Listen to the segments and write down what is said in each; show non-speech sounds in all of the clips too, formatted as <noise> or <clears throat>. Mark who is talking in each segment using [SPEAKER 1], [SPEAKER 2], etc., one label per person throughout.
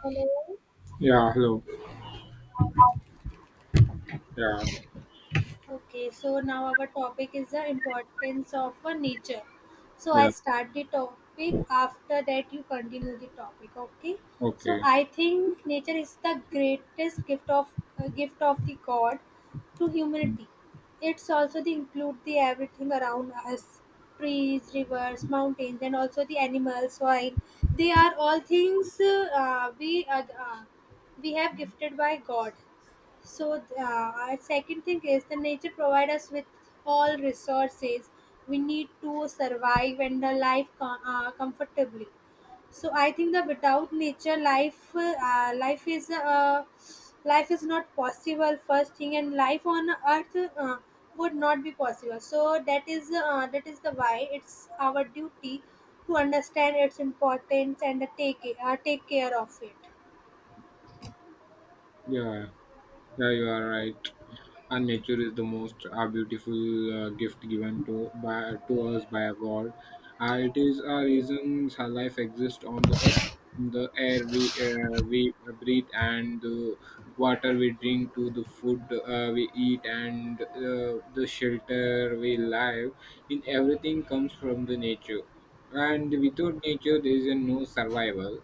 [SPEAKER 1] Hello.
[SPEAKER 2] Yeah, hello. Yeah,
[SPEAKER 1] Okay, so now our topic is the importance of nature. So I
[SPEAKER 2] yeah,
[SPEAKER 1] start the topic after that you continue the topic. Okay. So
[SPEAKER 2] okay.
[SPEAKER 1] I think nature is the greatest gift of the God to humanity. It's also the include the everything around us, trees, rivers, mountains, and also the animals, soil. They are all things uh, we uh, uh, we have gifted by God. So, our second thing is the nature provides us with all resources we need to survive and the life comfortably. So, I think that without nature, life is not possible. First thing, and life on Earth would not be possible. So, that is the why it's our duty to understand its importance and take it, take care of it.
[SPEAKER 2] Yeah, yeah, you are right. And nature is the most beautiful gift given to us by a God. It is a reason our life exists on the earth, the air we breathe, and the water we drink, to the food we eat, and the shelter we live. In everything comes from the nature. And without nature there is a no survival.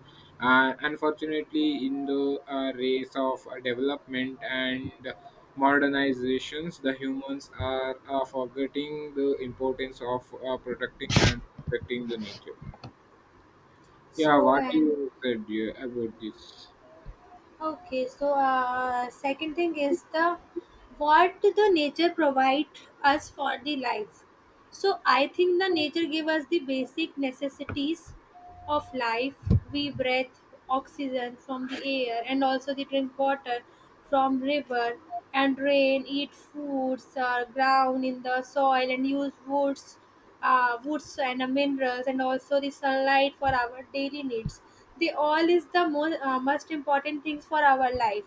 [SPEAKER 2] Unfortunately, in the race of development and modernizations, the humans are forgetting the importance of protecting and protecting the nature. Yeah,
[SPEAKER 1] So,
[SPEAKER 2] what
[SPEAKER 1] and
[SPEAKER 2] you said, yeah, about this.
[SPEAKER 1] okay, so second thing is the what the nature provide us for the life. So I think the nature give us the basic necessities of life, we breathe oxygen from the air and also the drink water from river and rain, eat foods ground in the soil and use woods, woods and minerals and also the sunlight for our daily needs. They all is the most most important things for our life.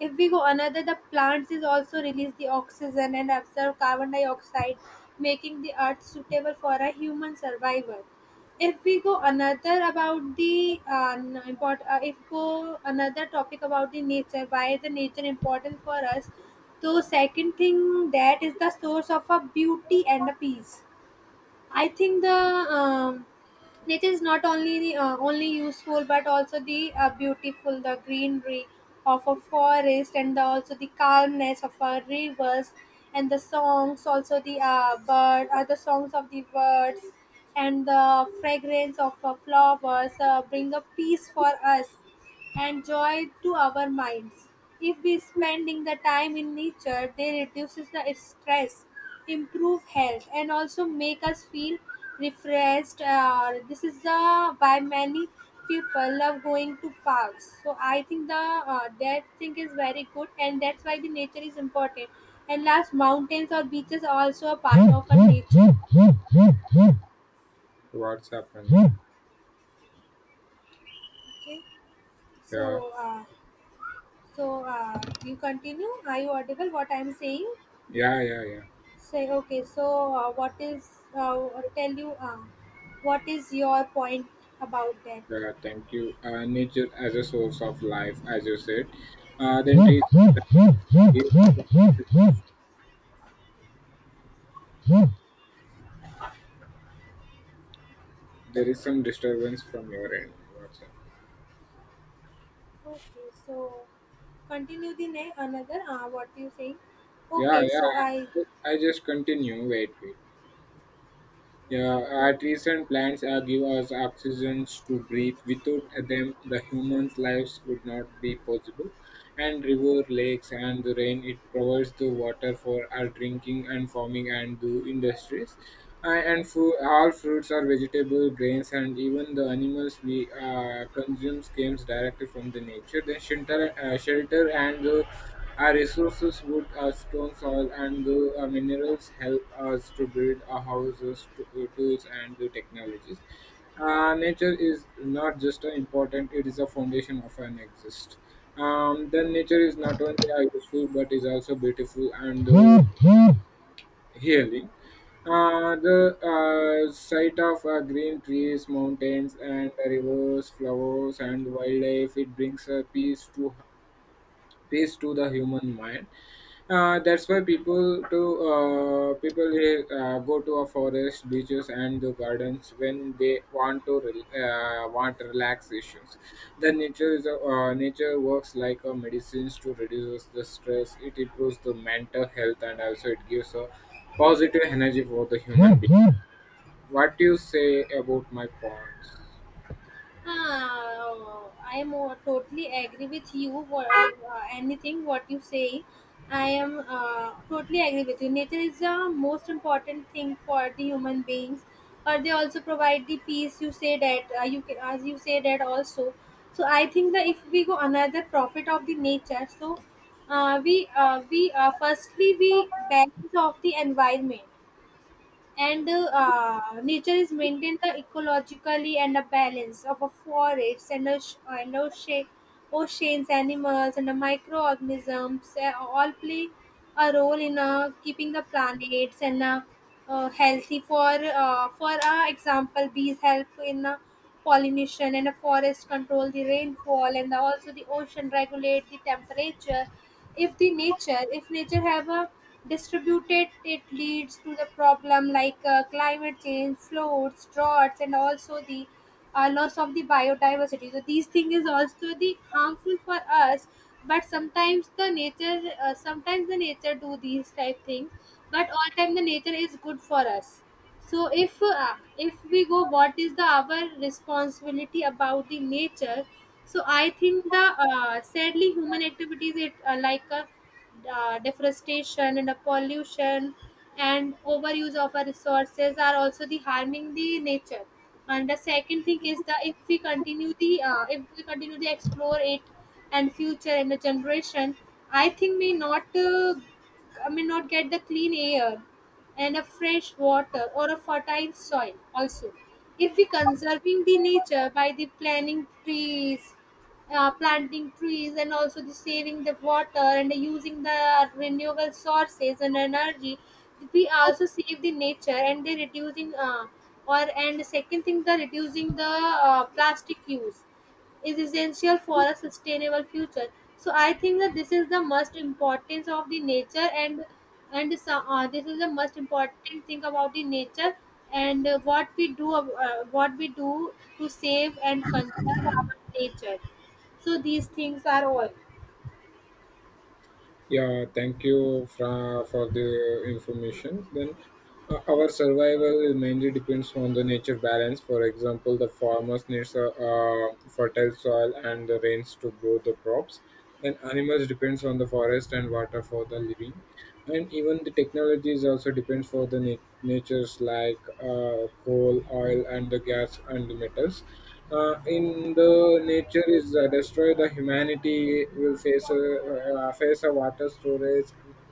[SPEAKER 1] If we go another, the plants is also release the oxygen and absorb carbon dioxide, making the earth suitable for a human survival. If we go another about the if go another topic about the nature, why is the nature important for us? So second thing that is the source of a beauty and a peace. I think the it is not only the, only useful but also the beautiful, the greenery of a forest and the, also the calmness of our rivers and the songs, also the bird the songs of the birds and the fragrance of flowers bring a peace for us and joy to our minds. If we spending the time in nature, they reduces the stress, improve health, and also make us feel refreshed. This is the why many people love going to parks. So I think the that thing is very good, and that's why the nature is important. And last, mountains or beaches are also a part of our nature. Okay,
[SPEAKER 2] What's happened? Yeah,
[SPEAKER 1] so. Uh, So. You continue. Are you audible? What I'm saying?
[SPEAKER 2] yeah, yeah, yeah,
[SPEAKER 1] Say okay. So what is? Uh, Tell you. What is your point about that?
[SPEAKER 2] yeah, thank you. Nature as a source of life, as you said. Then trees give. There is some disturbance from your end. What's up?
[SPEAKER 1] Okay. So continue the next another. What you saying?
[SPEAKER 2] Yeah,
[SPEAKER 1] Okay. So I.
[SPEAKER 2] yeah. I just continue. Wait, wait. Yeah, our trees and plants give us oxygen to breathe. Without them, the humans' lives would not be possible. And river, lakes, and the rain, it provides the water for our drinking and farming and the industries. And food, all fruits are vegetable, grains, and even the animals we consume comes directly from the nature. Then shelter and our resources, wood, stone, soil, and the minerals help us to build our houses, tools, and the technologies. Nature is not just important; it is a foundation of an exist. Then nature is not only useful but is also beautiful and healing. The sight of green trees, mountains, and rivers, flowers, and wildlife, it brings a peace to the human mind. That's why people go to a forest, beaches, and the gardens when they want relaxations. The nature is a, nature works like a medicines to reduce the stress. It improves the mental health and also it gives a positive energy for the human being.
[SPEAKER 1] Okay.
[SPEAKER 2] What do you say about my points?
[SPEAKER 1] Ah, totally agree with you. What anything what you say, I am totally agree with you. Nature is the most important thing for the human beings, or they also provide the peace. You say that you can, as you say that also. So I think that if we go another profit of the nature, so we firstly we balance of the environment and nature is maintained the ecologically and the balance of a forests and and ocean, oceans animals and the microorganisms all play a role in keeping the planets and healthy for example, bees help in pollination and the forest control the rainfall and also the ocean regulate the temperature. If the nature if nature have a distributed, it leads to the problem like climate change, floods, droughts, and also the loss of the biodiversity. So these things is also the harmful for us, but sometimes the nature do these type things, but all time the nature is good for us. So if we go, what is the our responsibility about the nature? So I think the sadly human activities, it like a deforestation and a pollution and overuse of our resources are also the harming the nature. And the second thing is that if we continue to explore it and future and the generation, I think may not I may not get the clean air and a fresh water or a fertile soil also. If we conserving the nature by the planting trees, planting trees and also the saving the water and using the renewable sources and energy, we also save the nature and they reducing or and second thing, the reducing the plastic use is essential for a sustainable future. So I think that this is the most importance of the nature, and so, this is the most important thing about the nature, and what we do to save and conserve our nature. So these things are all
[SPEAKER 2] Yeah, thank you for the information. Then, our survival mainly depends on the nature balance. For example, the farmers needs a fertile soil and the rains to grow the crops. Then animals depends on the forest and water for the living, and even the technologies also depends for the natures like coal oil and the gas and the metals. In the nature is destroyed, the humanity will face a water storage,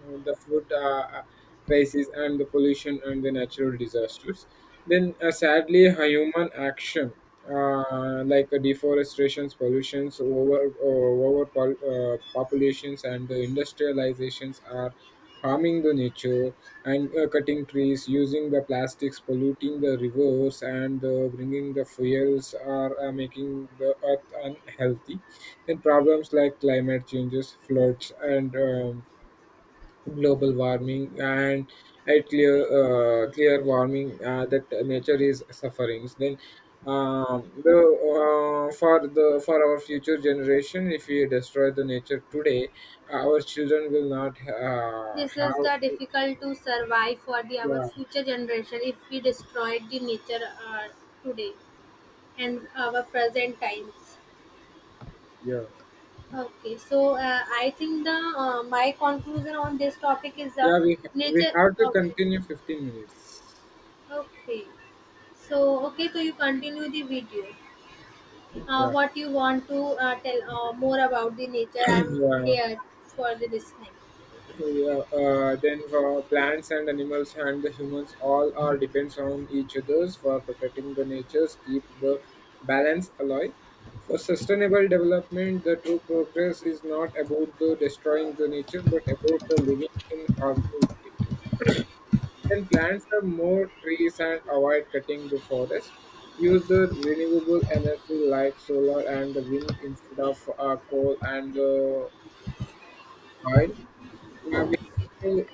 [SPEAKER 2] the food crisis and the pollution and the natural disasters. Then sadly a human action like deforestations, pollutions, populations, and the industrializations are harming the nature. And cutting trees, using the plastics, polluting the rivers, and bringing the fuels are making the earth unhealthy. Then problems like climate changes, floods, and global warming and a clear warming, that nature is suffering. Then the for the for our future generation, if we destroy the nature today, our children will not
[SPEAKER 1] this is the
[SPEAKER 2] have.
[SPEAKER 1] difficult to survive for the our
[SPEAKER 2] Yeah,
[SPEAKER 1] future generation if we destroyed the nature uh, today and our present times.
[SPEAKER 2] yeah,
[SPEAKER 1] Okay, so I think the my conclusion on this topic is the
[SPEAKER 2] yeah. We
[SPEAKER 1] nature.
[SPEAKER 2] have to
[SPEAKER 1] Okay,
[SPEAKER 2] continue 15 minutes.
[SPEAKER 1] okay. So okay, so you continue the video.
[SPEAKER 2] Yeah,
[SPEAKER 1] What you want to tell more about the nature?
[SPEAKER 2] <clears throat>
[SPEAKER 1] I'm
[SPEAKER 2] yeah,
[SPEAKER 1] here for the listening.
[SPEAKER 2] yeah. Then for plants and animals and the humans, all are depends on each others for protecting the natures, keep the balance alive. For sustainable development, the true progress is not about the destroying the nature, but about the living in harmony with it. Then plants are more trees and avoid cutting the forest. Use the renewable energy like solar and the wind instead of coal and oil. Uh, we, have to,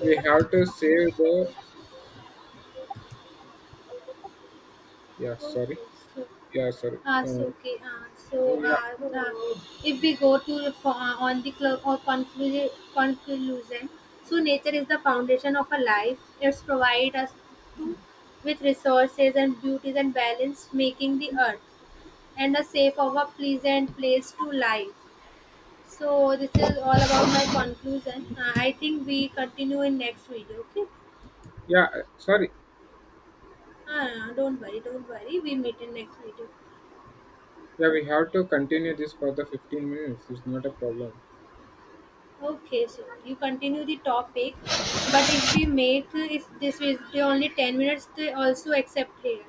[SPEAKER 2] we have to save the. Yeah,
[SPEAKER 1] Okay,
[SPEAKER 2] sorry.
[SPEAKER 1] so
[SPEAKER 2] Yeah, sorry.
[SPEAKER 1] Uh, so okay. Uh, so
[SPEAKER 2] Yeah,
[SPEAKER 1] uh, uh, if we go to the on the conclusion, so nature is the foundation of a life. It's provide us to with resources and beauties and balance, making the earth and a safe of a pleasant place to live. So this is all about my conclusion. I think we continue in next video. Okay.
[SPEAKER 2] yeah, sorry.
[SPEAKER 1] Don't worry, don't worry. We meet in next video.
[SPEAKER 2] Yeah, we have to continue this for the 15 minutes. It's not a problem.
[SPEAKER 1] Okay, so you continue the topic, but if we make if this is the only 10 minutes, they also accept here.